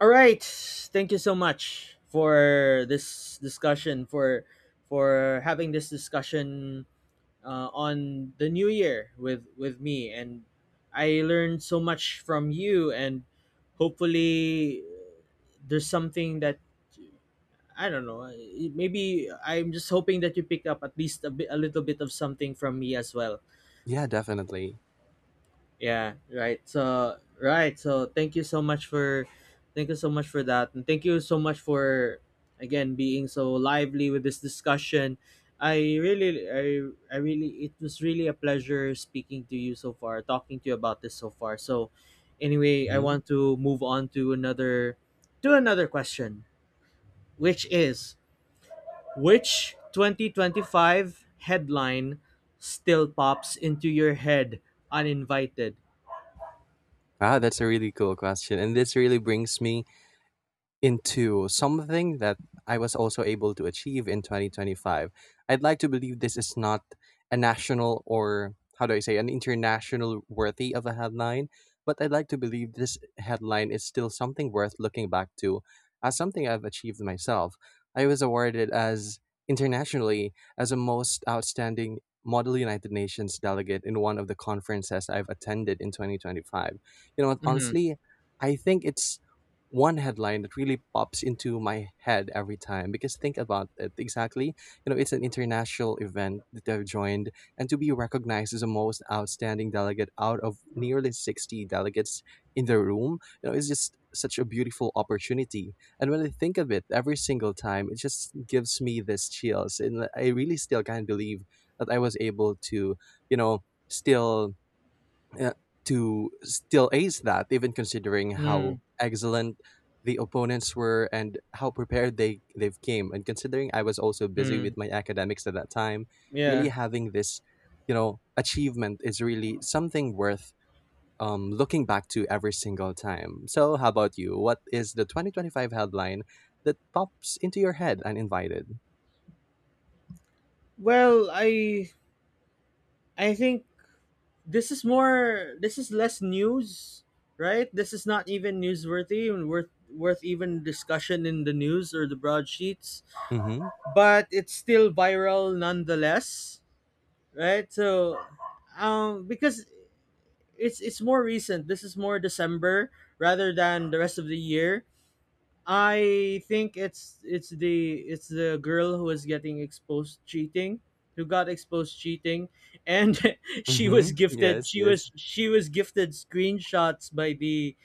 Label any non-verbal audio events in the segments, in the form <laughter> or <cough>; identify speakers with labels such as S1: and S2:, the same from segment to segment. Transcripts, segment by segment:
S1: All right. Thank you so much for this discussion for having this discussion on the new year with me, and I learned so much from you and hopefully there's something that I don't know. Maybe I'm just hoping that you pick up at least a little bit of something from me as well.
S2: Yeah, definitely.
S1: Yeah, right. So thank you so much for that. And thank you so much for again being so lively with this discussion. I really I I really, it was really a pleasure speaking to you so far, talking to you about this so far. So anyway, I
S2: Mhm.
S1: want to move on to another question, which is which 2025 headline still pops into your head uninvited?
S2: Wow, that's a really cool question, and this really brings me into something that I was also able to achieve in 2025. I'd like to believe this is not a national, or how do I say, an international worthy of a headline, but I'd like to believe this headline is still something worth looking back to as something I've achieved myself. I was awarded as internationally as a most outstanding Model United Nations delegate in one of the conferences I've attended in 2025. You know what,
S1: Mm-hmm.
S2: honestly, I think it's one headline that really pops into my head every time, because, think about it, exactly, you know, it's an international event that I've joined, and to be recognized as the most outstanding delegate out of nearly 60 delegates in the room, you know, it's just such a beautiful opportunity, and when I think of it every single time, it just gives me this chills, and I really still can't believe that I was able to, you know still uh, still ace that, even considering
S1: Mm.
S2: how excellent the opponents were and how prepared they've came. And considering I was also busy
S1: Hmm.
S2: with my academics at that time, really
S1: Yeah.
S2: having this, achievement is really something worth looking back to every single time. So, how about you? What is the 2025 headline that pops into your head uninvited?
S1: Well, I think this is less news, right? This is not even newsworthy and worth even discussion in the news or the broadsheets,
S2: Mm-hmm.
S1: but it's still viral nonetheless, right? So, because it's more recent. This is more December rather than the rest of the year. I think it's the girl who was getting exposed cheating, who got exposed cheating, and <laughs>
S2: Mm-hmm. Yes, yes.
S1: she was gifted screenshots by the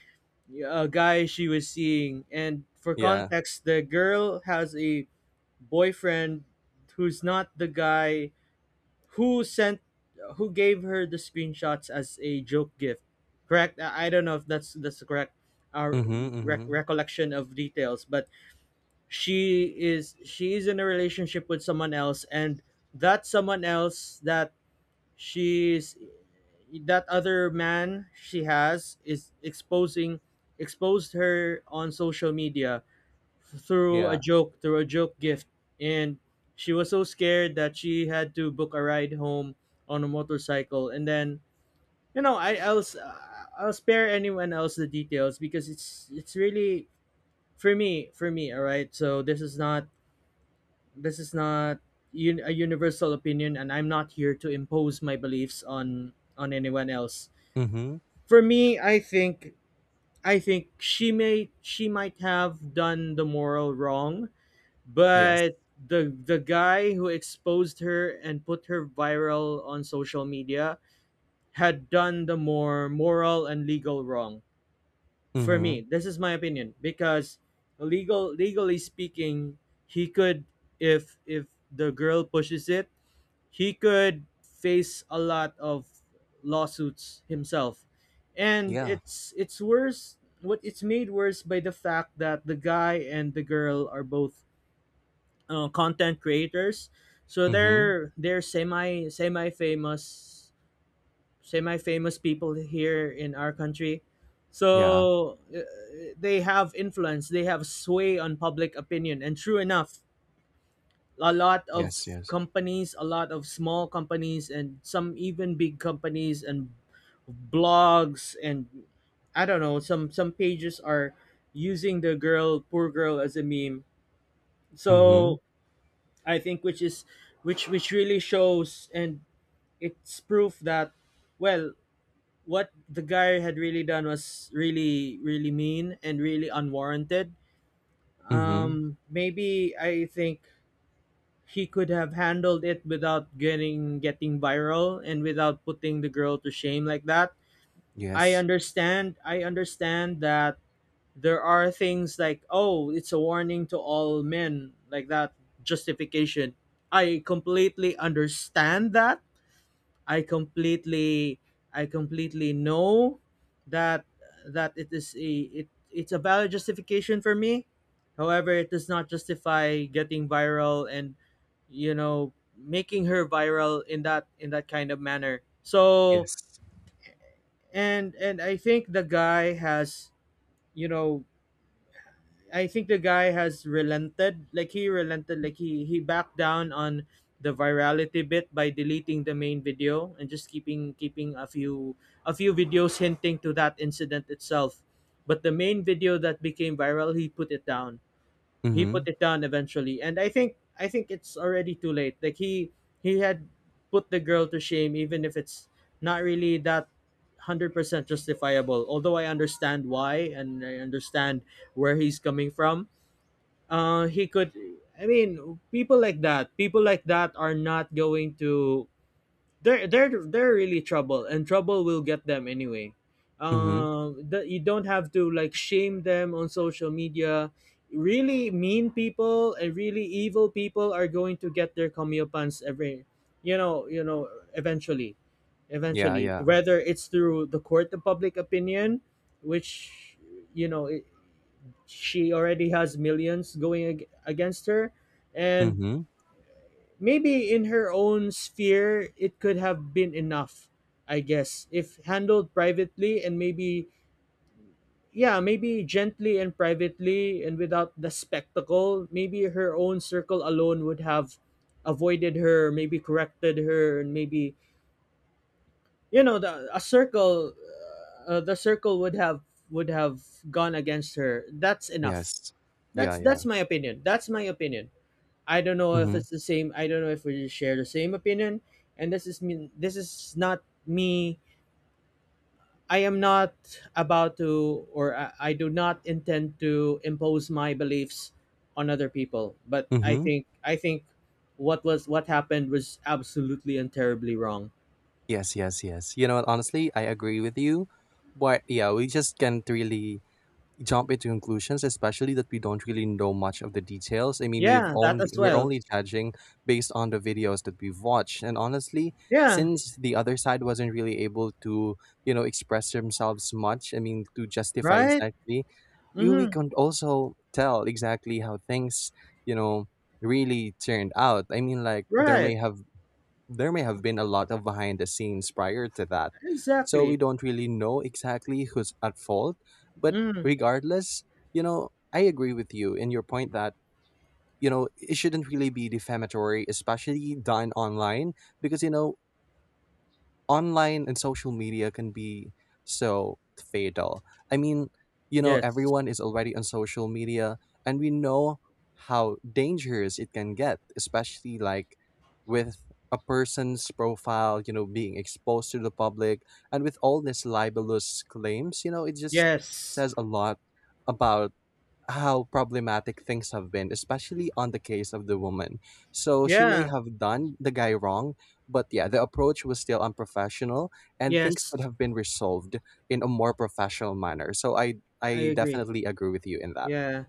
S1: guy she was seeing. And for
S2: Yeah.
S1: context, the girl has a boyfriend who's not the guy who sent who gave her the screenshots as a joke gift. Correct? I don't know if that's the correct our
S2: Mm-hmm. Mm-hmm.
S1: recollection of details, but she is in a relationship with someone else, and that someone else that she's that other man she has is exposing exposed her on social media
S2: Yeah.
S1: through a joke gift, and she was so scared that she had to book a ride home on a motorcycle. And then you know, I'll spare anyone else the details because it's really, for me, all right, so this is not this is not a universal opinion, and I'm not here to impose my beliefs on anyone else.
S2: Mm-hmm.
S1: For me, I think she may, she might have done the moral wrong,
S2: Yes.
S1: but the guy who exposed her and put her viral on social media had done the more moral and legal wrong. For me,
S2: Mm-hmm.
S1: this is my opinion, because legally speaking, he could, if the girl pushes it, he could face a lot of lawsuits himself. And
S2: Yeah.
S1: it's made worse by the fact that the guy and the girl are both content creators, so
S2: Mm-hmm.
S1: they're semi famous, semi famous people here in our country.
S2: Yeah.
S1: So they have influence, they have sway on public opinion. And true enough, a lot of
S2: Yes, yes.
S1: companies, a lot of small companies, and some even big companies and blogs and I don't know. Some pages are using the girl, poor girl, as a meme.
S2: Mm-hmm.
S1: So I think, which is which really shows, and it's proof that, well, what the guy had really done was really really mean and really unwarranted.
S2: Mm-hmm.
S1: Um, maybe I think he could have handled it without getting viral and without putting the girl to shame like that. I
S2: Yes.
S1: understand. I understand that there are things like, oh, it's a warning to all men, like that justification. I completely understand that. I completely I completely know that it is a, it, it's a valid justification for me. However, it does not justify getting viral and, you know, making her viral in that, in that kind of manner. So,
S2: Yes.
S1: and I think the guy has, you know, I think the guy has relented. Like he relented. Like he backed down on the virality bit by deleting the main video and just keeping a few videos hinting to that incident itself. But the main video that became viral, he put it down,
S2: Mm-hmm.
S1: eventually. And I think it's already too late. Like he had put the girl to shame, even if it's not really that 100% justifiable. Although I understand why, and I understand where he's coming from. Uh, he could I mean, people like that are not going to, they're really trouble, and trouble will get them anyway.
S2: Mm-hmm.
S1: Um, that, you don't have to like shame them on social media. Really mean people and really evil people are going to get their comeuppance, every you know, eventually,
S2: Yeah,
S1: eventually,
S2: yeah.
S1: whether it's through the court of public opinion, which, you know, it, she already has millions going against her. And
S2: Mm-hmm.
S1: maybe in her own sphere, it could have been enough, I guess, if handled privately, and maybe, yeah, maybe gently and privately and without the spectacle. Maybe her own circle alone would have avoided her, maybe corrected her, and maybe, you know, the circle would have, would have gone against her. That's enough.
S2: Yes. Yeah,
S1: That's
S2: yeah.
S1: my opinion. That's my opinion. I don't know if
S2: Mm-hmm.
S1: it's the same. I don't know if we share the same opinion. And this is me. This is not me. I am not about to, or I do not intend to impose my beliefs on other people. But
S2: Mm-hmm.
S1: I think what was, what happened was absolutely and terribly wrong.
S2: Yes, yes, yes. You know what, honestly, I agree with you. But yeah, we just can't really jump into conclusions, especially that we don't really know much of the details. I mean, we've
S1: Yeah, that
S2: only
S1: as
S2: we're
S1: well.
S2: only judging based on the videos that we've watched, and honestly,
S1: Yeah,
S2: since the other side wasn't really able to, express themselves much, I mean, to justify
S1: right.
S2: exactly, you we
S1: Mm-hmm.
S2: can also tell exactly how things, you know, really turned out. I mean, like, there
S1: Right.
S2: may have there may have been a lot of behind the scenes prior to that. So we
S1: Exactly.
S2: don't really know exactly who's at fault. But
S1: Mm.
S2: regardless, I agree with you in your point that, it shouldn't really be defamatory, especially done online, because, online and social media can be so fatal. I mean,
S1: Yes.
S2: everyone is already on social media, and we know how dangerous it can get, especially like with a person's profile, being exposed to the public, and with all these libelous claims, it just
S1: Yes.
S2: says a lot about how problematic things have been, especially on the case of the woman. So she may
S1: Yeah.
S2: have done the guy wrong, but yeah, the approach was still unprofessional, and things could
S1: Yes.
S2: have been resolved in a more professional manner. So I
S1: I
S2: I
S1: agree.
S2: definitely agree with you in that.
S1: Yeah.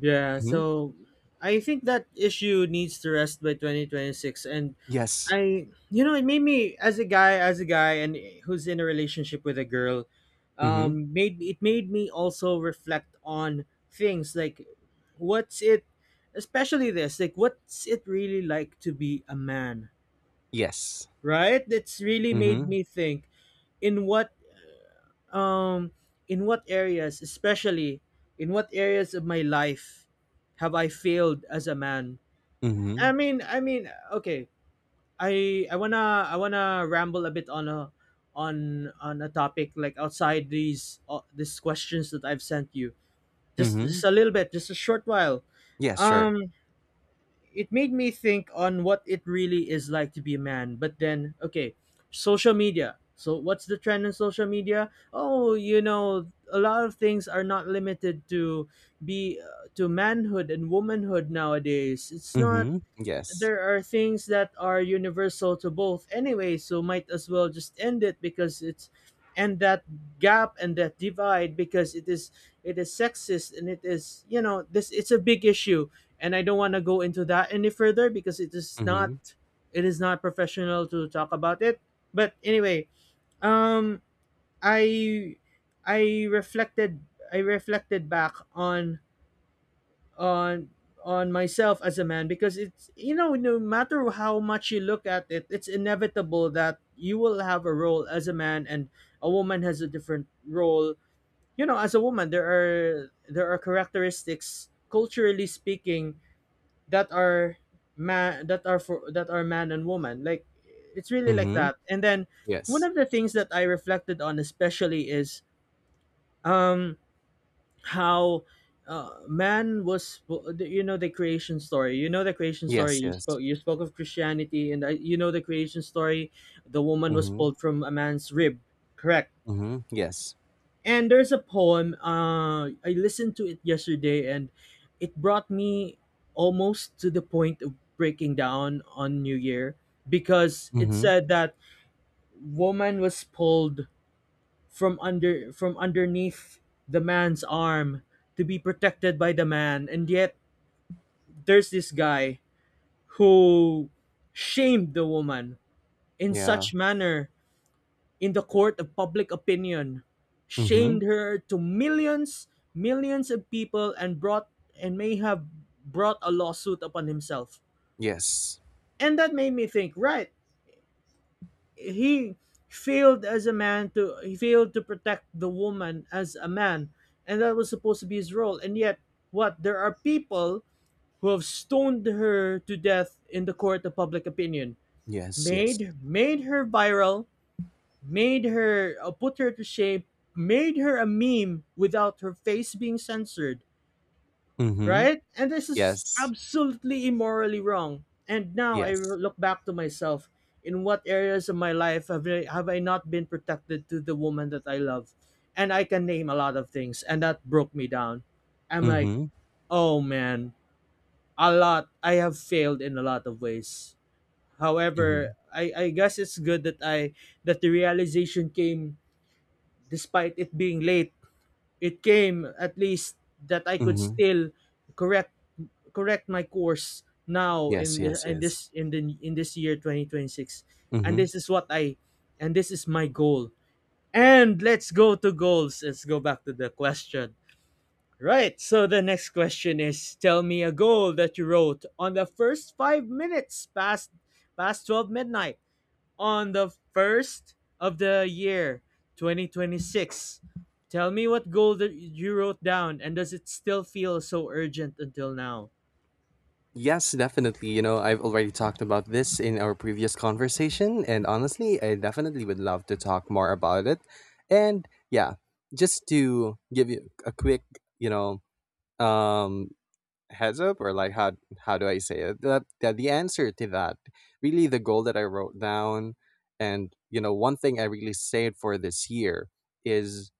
S1: Yeah,
S2: Hmm.
S1: so I think that issue needs to rest by 2026. And
S2: Yes.
S1: I, you know, it made me, as a guy and who's in a relationship with a girl,
S2: Hmm.
S1: um, made it, made me also reflect on things like what's it especially, this like what's it really like to be a man,
S2: Yes.
S1: right? It's really made
S2: Hmm.
S1: me think in what, um, in what areas especially in what areas of my life have I failed as a man.
S2: Hmm.
S1: I mean, okay, I wanna ramble a bit on a, on a topic like outside these questions that I've sent you,
S2: Hmm.
S1: just a little bit, just a short while.
S2: Yes, sure.
S1: Um, it made me think on what it really is like to be a man. But then, okay, social media. So what's the trend in social media? Oh, you know, a lot of things are not limited to be to manhood and womanhood nowadays. It's not,
S2: Hmm. Yes.
S1: there are things that are universal to both anyway, so might as well just end it, because it's, and that gap and that divide, because it is, it is sexist, and it is, you know, this, it's a big issue. And I don't want to go into that any further, because it is not,
S2: Hmm.
S1: it is not professional to talk about it. But anyway, um, i I reflected, I reflected back on, on on myself as a man, because it's, you know, no matter how much you look at it, it's inevitable that you will have a role as a man, and a woman has a different role. You know, as a woman, there are, characteristics, culturally speaking, that are man that are for that are man and woman, like, it's really like
S2: Hmm.
S1: that. And then one
S2: Yes.
S1: of the things that I reflected on especially is, um, how, man was, you know, the creation story,
S2: Yes,
S1: you
S2: yes.
S1: spoke, of Christianity, and I, you know, the creation story, the woman was
S2: Hmm.
S1: pulled from a man's rib, correct?
S2: Hmm. Yes.
S1: And there's a poem, I listened to it yesterday, and it brought me almost to the point of breaking down on new year, because it
S2: Hmm.
S1: said that woman was pulled from underneath the man's arm, to be protected by the man. And yet there's this guy who shamed the woman in
S2: Yeah.
S1: such manner, in the court of public opinion,
S2: Hmm.
S1: shamed her to millions, millions of people, and brought, and may have brought a lawsuit upon himself.
S2: Yes.
S1: And that made me think, right, he failed as a man to, he failed to protect the woman as a man. And that was supposed to be his role. And yet what, there are people who have stoned her to death in the court of public opinion,
S2: Yes, yes.
S1: made her viral, made her, put her to shame, made her a meme without her face being censored,
S2: Mhm.
S1: right? And this is
S2: Yes.
S1: absolutely immorally wrong. And now I
S2: Yes.
S1: look back to myself. In what areas of my life have I not been protected to the woman that I love? And I can name a lot of things, and that broke me down. I'm like,
S2: Mhm.
S1: oh man, a lot. I have failed in a lot of ways. However,
S2: Mhm.
S1: I guess it's good that I that the realization came, despite it being late, it came at least, that I could
S2: Mhm.
S1: still correct correct my course now
S2: Yes, yes, yes.
S1: in this year 2026. and
S2: Mhm.
S1: this is what I and this is my goal. And let's go back to the question. Right, so the next question is, tell me a goal that you wrote on the first 5 minutes past 12 midnight on the first of the year 2026. Tell me what goal that you wrote down, and does it still feel so urgent until now?
S2: Yes, definitely. You know, I've already talked about this in our previous conversation, and honestly, I definitely would love to talk more about it. And yeah, just to give you a quick, you know, um, heads up, or, like, how do I say it, that, the answer to that, really the goal that I wrote down, and one thing I really saved for this year, is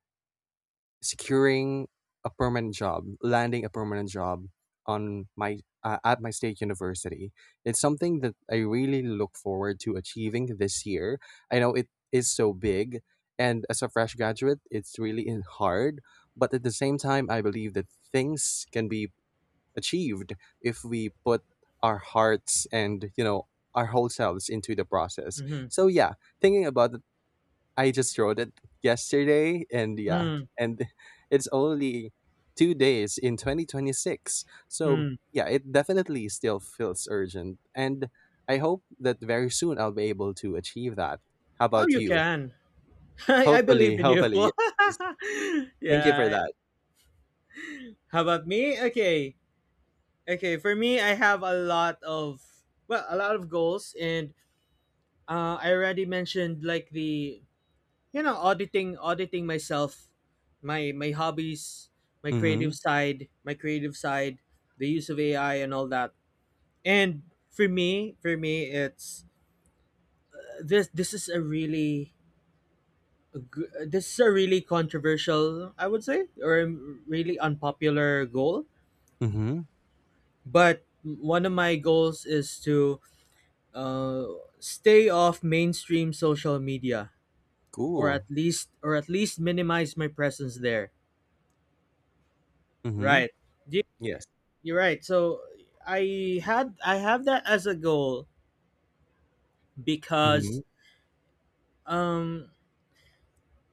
S2: securing a permanent job landing a permanent job on my at my state university. It's something that I really look forward to achieving this year. I know it is so big, and as a fresh graduate it's really hard, but at the same time I believe that things can be achieved if we put our hearts and our whole selves into the process.
S1: Mm-hmm.
S2: So yeah, thinking about it, I just wrote it yesterday, and yeah,
S1: Mm,
S2: and <laughs> it's only 2 days in 2026, so
S1: mm.
S2: yeah, it definitely still feels urgent, and I hope that very soon I'll be able to achieve that. How
S1: Oh,
S2: about
S1: you
S2: you?
S1: can. <laughs> I
S2: Hopefully,
S1: believe in you.
S2: hopefully, yes,
S1: <laughs>
S2: thank you for
S1: Yeah.
S2: that.
S1: How about me? Okay. Okay. For me, I have a lot of well, a lot of goals, and I already mentioned, like, the auditing, myself, my hobbies, my
S2: Mm-hmm.
S1: creative side, the use of AI, and all that. And for me it's this is a really controversial, I would say, or really unpopular goal.
S2: Mm-hmm.
S1: But one of my goals is to uh, stay off mainstream social media, or at
S2: Cool.
S1: least minimize my presence there.
S2: Mm-hmm.
S1: Right. Yeah.
S2: Yes.
S1: You're right. So I have that as a goal,
S2: Mm-hmm.
S1: because um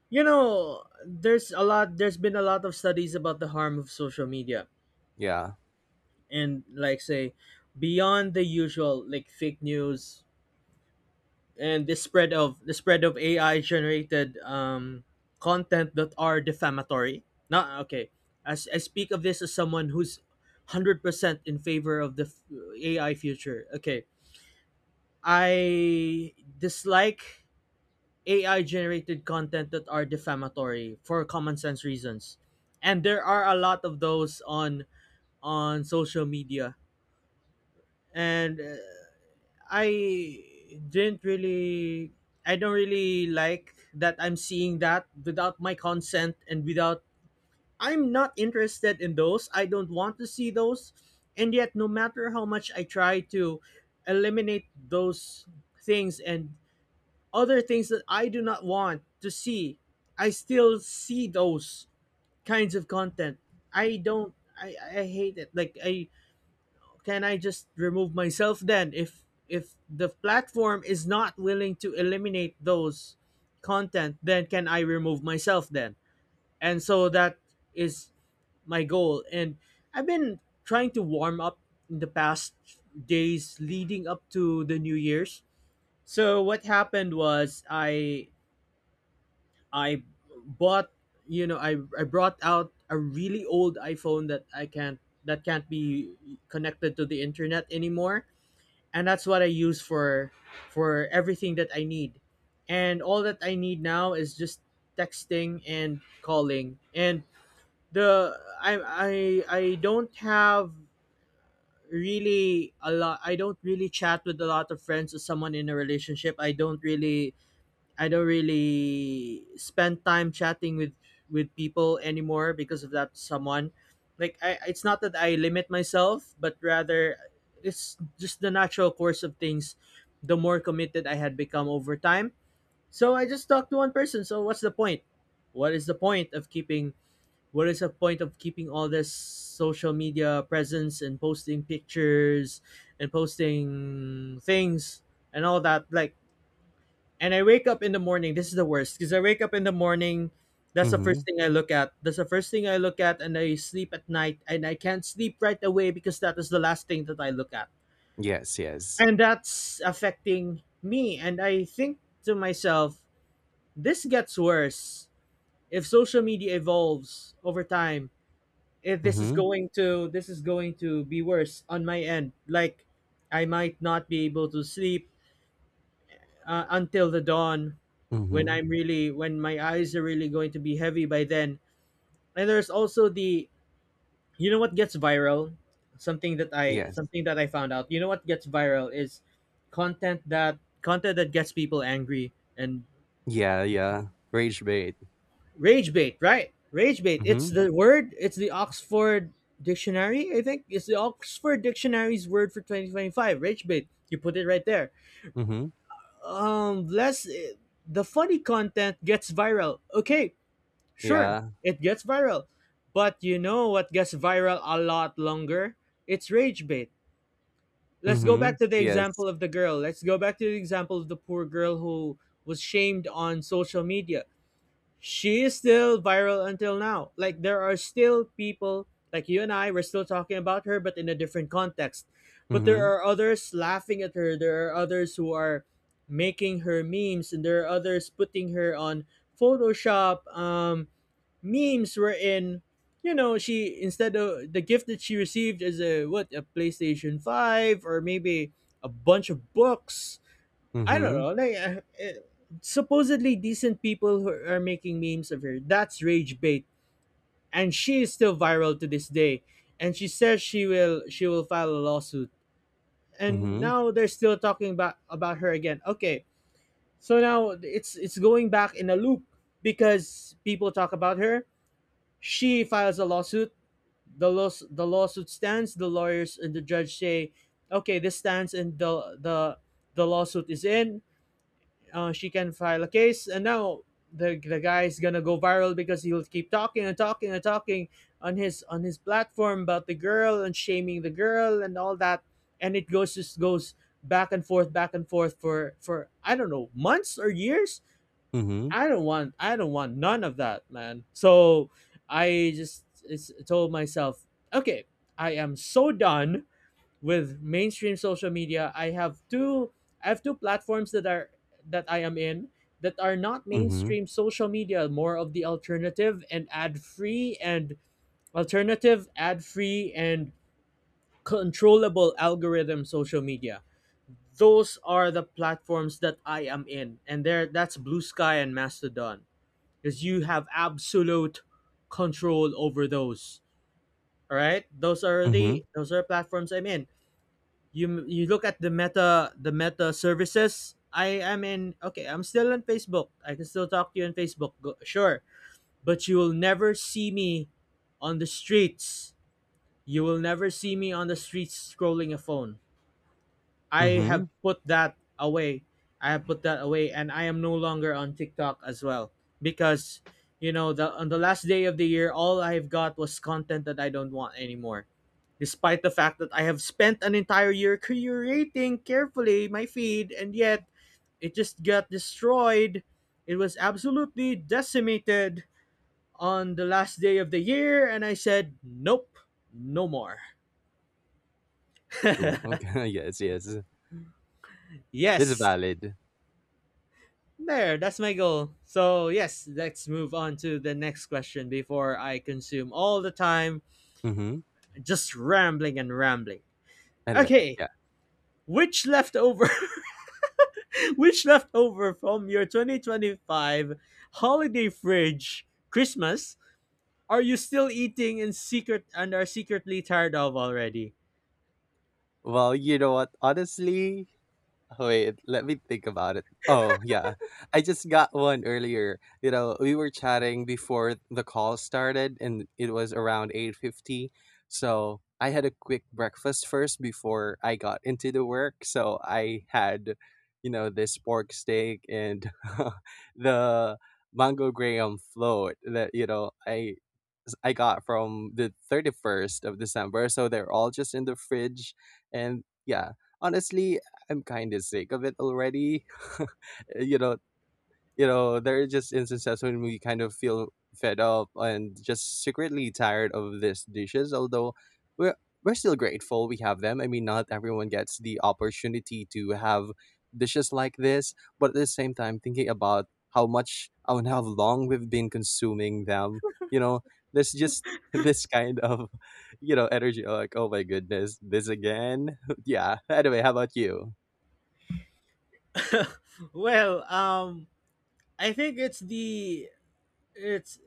S1: there's been a lot of studies about the harm of social media.
S2: Yeah.
S1: And, like, say, beyond the usual, like, fake news, and the spread of AI generated content that are defamatory. Not okay. As I speak of this as someone who's 100% in favor of AI future. Okay, I dislike AI generated content that are defamatory for common sense reasons. And there are a lot of those on social media. And I didn't really I don't really like that I'm seeing that without my consent, and without I'm not interested in those. I don't want to see those. And yet, no matter how much I try to eliminate those things and other things that I do not want to see, I still see those kinds of content. I don't I hate it. Like I Can I just remove myself then, if the platform is not willing to eliminate those content, then can I remove myself then? And so that is my goal. And I've been trying to warm up in the past days leading up to the New Year's. So what happened was I bought, you know, I brought out a really old iPhone that I can't that can't be connected to the internet anymore, and that's what I use for everything that I need. And all that I need now is just texting and calling. And the I don't have really a lot I don't really chat with a lot of friends or someone in a relationship. I don't really spend time chatting with people anymore because of that someone. Like I It's not that I limit myself, but rather it's just the natural course of things, the more committed I had become over time. So I just talked to one person. So what's the point? What is the point of keeping all this social media presence and posting pictures and posting things and all that, like, and I wake up in the morning. This is the worst, because I wake up in the morning. That's the first
S2: Mhm.
S1: thing I look at. That's the first thing I look at, and I sleep at night. And I can't sleep right away because that is the last thing that I look at.
S2: Yes, yes.
S1: And that's affecting me. And I think to myself, this gets worse if social media evolves over time. If this is
S2: Mhm,
S1: going to be worse on my end. Like, I might not be able to sleep until the dawn, when
S2: mhm.
S1: I'm really when my eyes are really going to be heavy by then. And there's also the you know what gets viral?
S2: Yes.
S1: Something that I found out. You know what gets viral is content that gets people angry, and
S2: Yeah, yeah. Rage bait.
S1: rage bait, right? Rage bait. It's
S2: Mhm,
S1: the word, it's the Oxford dictionary, I think. It's the Oxford dictionary's word for 2025, rage bait. You put it right there.
S2: mhm.
S1: Less eh, the funny content gets viral. Okay, sure,
S2: Yeah.
S1: it gets viral. But you know what gets viral a lot longer? It's rage bait. Let's go back
S2: Mhm.
S1: to the
S2: Yes.
S1: example of the girl. Let's go back to the example of the poor girl who was shamed on social media. She is still viral until now. Like, there are still people, like you and I, we're still talking about her, but in a different context. But there
S2: Mhm,
S1: are others laughing at her. There are others who are making her memes, and there are others putting her on Photoshop, memes were in, she, instead of the gift that she received, is a, what, a PlayStation 5, or maybe a bunch of books. I don't
S2: mhm,
S1: know, like, supposedly decent people who are making memes of her. That's rage bait. And she is still viral to this day, and she says she will file a lawsuit. And
S2: mhm,
S1: now they're still talking about her again. Okay, so now it's going back in a loop, because people talk about her, she files a lawsuit, the lawsuit stands, the lawyers and the judge say, okay, this stands, and the lawsuit is in, she can file a case. And now the guy is gonna go viral, because he'll keep talking and talking and talking on his platform about the girl and shaming the girl and all that, and it goes just goes back and forth, back and forth, for I don't know, months or years.
S2: mhm,
S1: I don't want none of that, man. So I told myself, okay, I am so done with mainstream social media. I have two platforms that are that I am in that are not
S2: mhm,
S1: mainstream social media, more of the alternative, ad-free, and controllable algorithm social media. Those are the platforms that I am in, and there that's Blue Sky and Mastodon, because you have absolute control over those. All right,
S2: mhm,
S1: those are platforms I'm in. You look at the meta services. I am in. Okay, I'm still on Facebook. I can still talk to you on Facebook. Go, sure, but you will never see me on the streets. You will never see me on the streets scrolling a phone. I have
S2: mhm.
S1: put that away. I have put that away, and I am no longer on TikTok as well, because you know the on the last day of the year, all I've got was content that I don't want anymore. Despite the fact that I have spent an entire year curating carefully my feed, and yet it just got destroyed. It was absolutely decimated on the last day of the year, and I said, "Nope, no more."
S2: Cool.
S1: <laughs>
S2: Okay. <laughs> Yes, yes. This is
S1: Yes,
S2: valid.
S1: there, that's my goal. So, yes, let's move on to the next question before I consume all the time
S2: Mhm.
S1: just rambling and rambling.
S2: Anyway,
S1: Okay,
S2: yeah.
S1: which leftover <laughs> which leftover from your 2025 holiday fridge Christmas are you still eating in secret and are secretly tired of already?
S2: Well, you know what? Honestly, wait, let me think about it. Oh, yeah. I just got one earlier. You know, we were chatting before the call started, and it was around 8:50. So, I had a quick breakfast first before I got into the work. So, I had, this pork steak and <laughs> the mango graham float that, I got from the 31st of December. So they're all just in the fridge. And yeah, honestly, I'm kind of sick of it already. <laughs> you know, there are just instances when we kind of feel fed up and just secretly tired of these dishes, although we're we're still grateful we have them. I mean, not everyone gets the opportunity to have dishes like this, but at the same time, thinking about how much and how long we've been consuming them, you know, there's just <laughs> this kind of, energy, like, oh my goodness, this again? <laughs> yeah. Anyway, how about you?
S1: <laughs> Well, I think it's,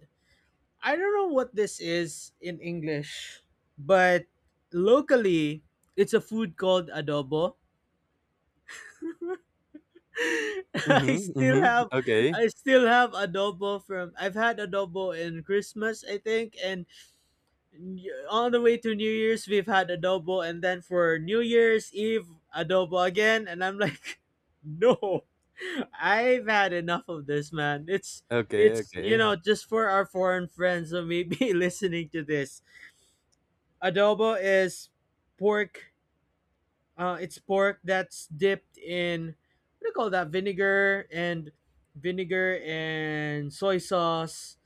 S1: I don't know what this is in English, but locally it's a food called adobo. <laughs> I
S2: Mm-hmm.
S1: still
S2: Mm-hmm.
S1: have
S2: Okay.
S1: I still have adobo from I've had adobo in Christmas, I think, and on the way to New Year's we've had adobo, and then for New Year's Eve, adobo again, and I'm like, <laughs> no, I've had enough of this, man. It's,
S2: Okay.
S1: it's
S2: Okay.
S1: just for our foreign friends who may be <laughs> listening to this, adobo is pork. It's pork that's dipped in, what do you call that? Vinegar and soy sauce.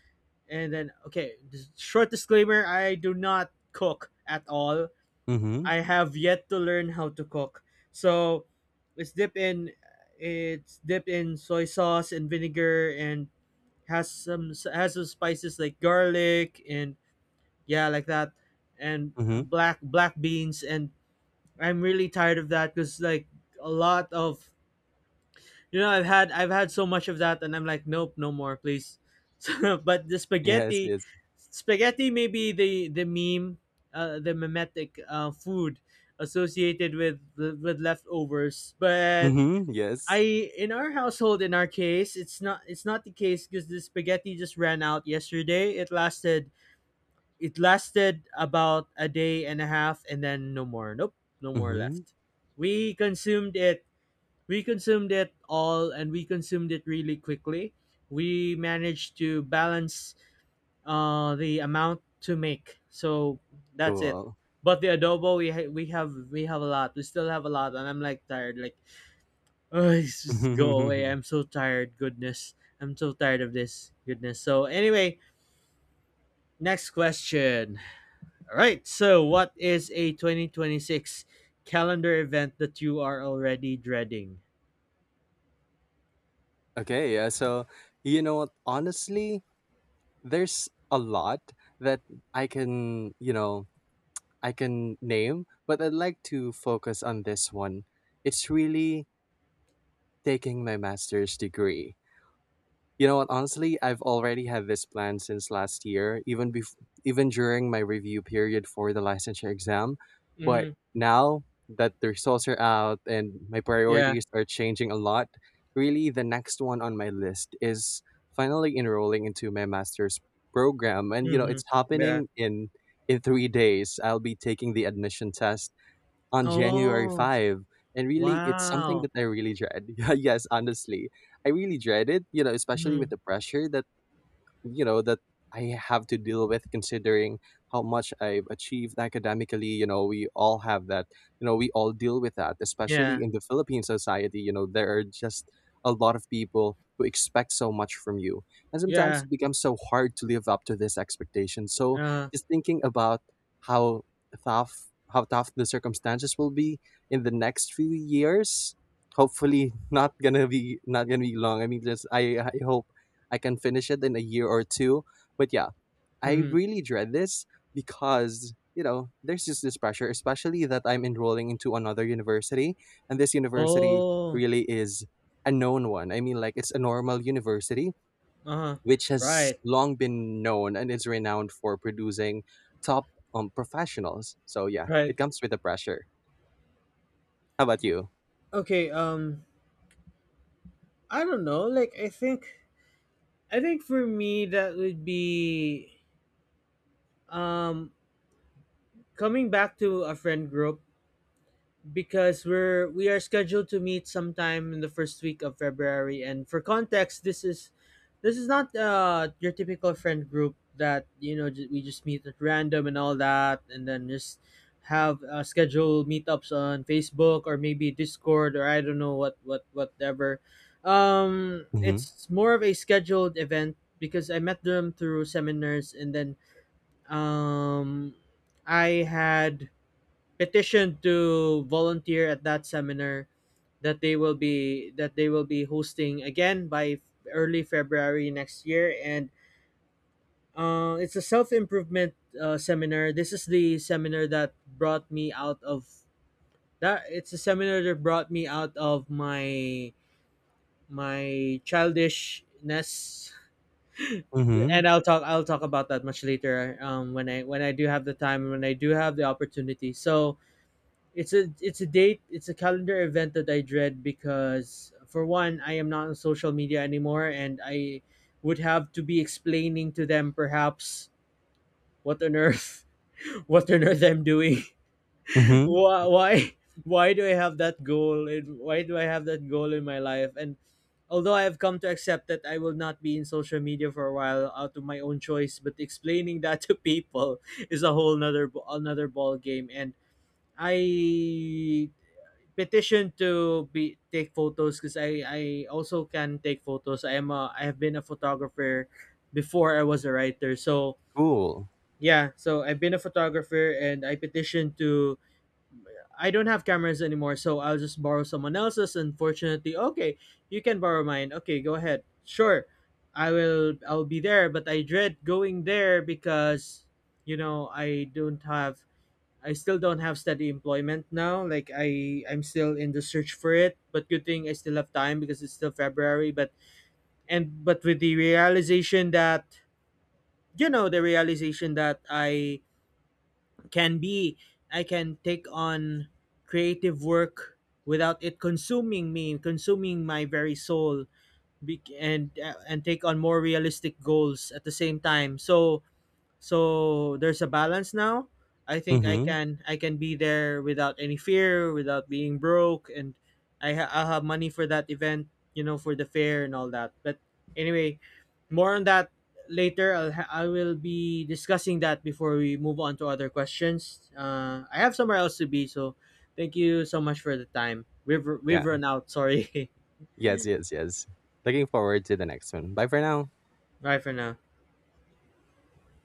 S1: And then, okay, just short disclaimer: I do not cook at all.
S2: Mm-hmm.
S1: I have yet to learn how to cook. So it's dipped in it's dipped in soy sauce and vinegar, and has some spices, like garlic, and, yeah, like that, and
S2: Mhm.
S1: black beans, and I'm really tired of that because, like, a lot of you know I've had so much of that, and I'm like, nope, no more, please. <laughs> So, but the
S2: Yes,
S1: spaghetti,
S2: yes.
S1: may be the the mimetic food associated with leftovers. But
S2: Mhm, yes.
S1: I in our case, it's not the case, because the spaghetti just ran out yesterday. It lasted about a day and a half, and then no more. Nope, no more
S2: Mhm.
S1: left. We consumed it. We consumed it all, and we consumed it really quickly. We managed to balance the amount to make. So that's it.
S2: Cool.
S1: But the adobo we have a lot. We still have a lot, and I'm like tired, like oh, just go away.
S2: <laughs>
S1: I'm so tired. Goodness. I'm so tired of this. Goodness. So anyway, next question. All right. So, what is a 2026 calendar event that you are already dreading?
S2: Okay, yeah, so, you know what, honestly, there's a lot that I can name, but I'd like to focus on this one. It's really taking my master's degree. You know what? Honestly, I've already had this plan since last year, even even during my review period for the licensure exam. But
S1: Hmm.
S2: now that the results are out and my
S1: Yeah.
S2: priorities are changing a lot, really the next one on my list is finally enrolling into my master's program, and
S1: Hmm.
S2: it's
S1: Yeah.
S2: happening in 3 days. I'll be taking the admission test on January
S1: Oh,
S2: 5. And really, it's something
S1: wow.
S2: that I really dread. <laughs> Yeah, yes, honestly. I really dread it, especially with
S1: Hmm.
S2: the pressure that you know that I have to deal with, considering how much I've achieved academically. You know we all have that, we all deal with that, especially
S1: Yeah.
S2: in the Philippine society. You know there are just a lot of people who expect so much from you, and sometimes
S1: Yeah.
S2: it becomes so hard to live up to this expectation. So
S1: Uh.
S2: just thinking about how tough how tough the circumstances will be in the next few years, hopefully <laughs> not gonna be long. I mean, just, I hope I can finish it in a year or two. But yeah, I
S1: Hmm.
S2: really dread this because, there's just this pressure, especially that I'm enrolling into another university. And this university
S1: Oh.
S2: really is a known one. I mean, like, it's a normal university,
S1: Uh.
S2: which has
S1: Right.
S2: long been known and is renowned for producing top professionals. So yeah,
S1: Right.
S2: it comes with the pressure. How about you?
S1: Okay, I don't know. Like I think for me that would be um coming back to a friend group, because we are scheduled to meet sometime in the first week of February. And for context, this is not your typical friend group that we just meet at random and all that, and then just have scheduled meetups on Facebook or maybe Discord or I don't know what whatever.
S2: Mm-hmm.
S1: It's more of a scheduled event because I met them through seminars, and then um I had petitioned to volunteer at that seminar that they will be hosting again by early February next year, and it's a self improvement seminar. This is the seminar that brought me out of that. It's a seminar that brought me out of my childishness,
S2: Mm-hmm.
S1: and I'll talk about that much later. When I do have the time and when I do have the opportunity. So it's a it's a date, it's a calendar event that I dread because for one, I am not on social media anymore, and I would have to be explaining to them perhaps what on earth <laughs> what on earth I'm doing. <laughs>
S2: Mm-hmm.
S1: Why why do I have that goal, and why do I have that goal in my life? And although I have come to accept that I will not be in social media for a while out of my own choice, but explaining <laughs> that to people <laughs> is a whole another ball game. And I petition to be take photos, because I also can take photos. I have been a photographer before I was a writer. So
S2: Cool.
S1: yeah, so I've been a photographer, and I petitioned to— I don't have cameras anymore, so I'll just borrow someone else's. Unfortunately, okay, you can borrow mine. Okay, go ahead. Sure, I will. I'll be there, but I dread going there because you know, I don't have— I still don't have steady employment now. Like I'm still in the search for it, but good thing I still have time because it's still February. But And but with the realization that you know, the realization that can be I can take on creative work without it consuming me, consuming my very soul, and take on more realistic goals at the same time. So, there's a balance now. I think
S2: Mm-hmm.
S1: I can be there without any fear, without being broke, and I'll have money for that event, you know, for the fair and all that. But anyway, more on that later. I will be discussing that before we move on to other questions. I have somewhere else to be, so thank you so much for the time. We've
S2: Yeah.
S1: run out. Sorry.
S2: Yes, yes, yes. Looking forward to the next one. Bye for now.
S1: <laughs> Bye for now.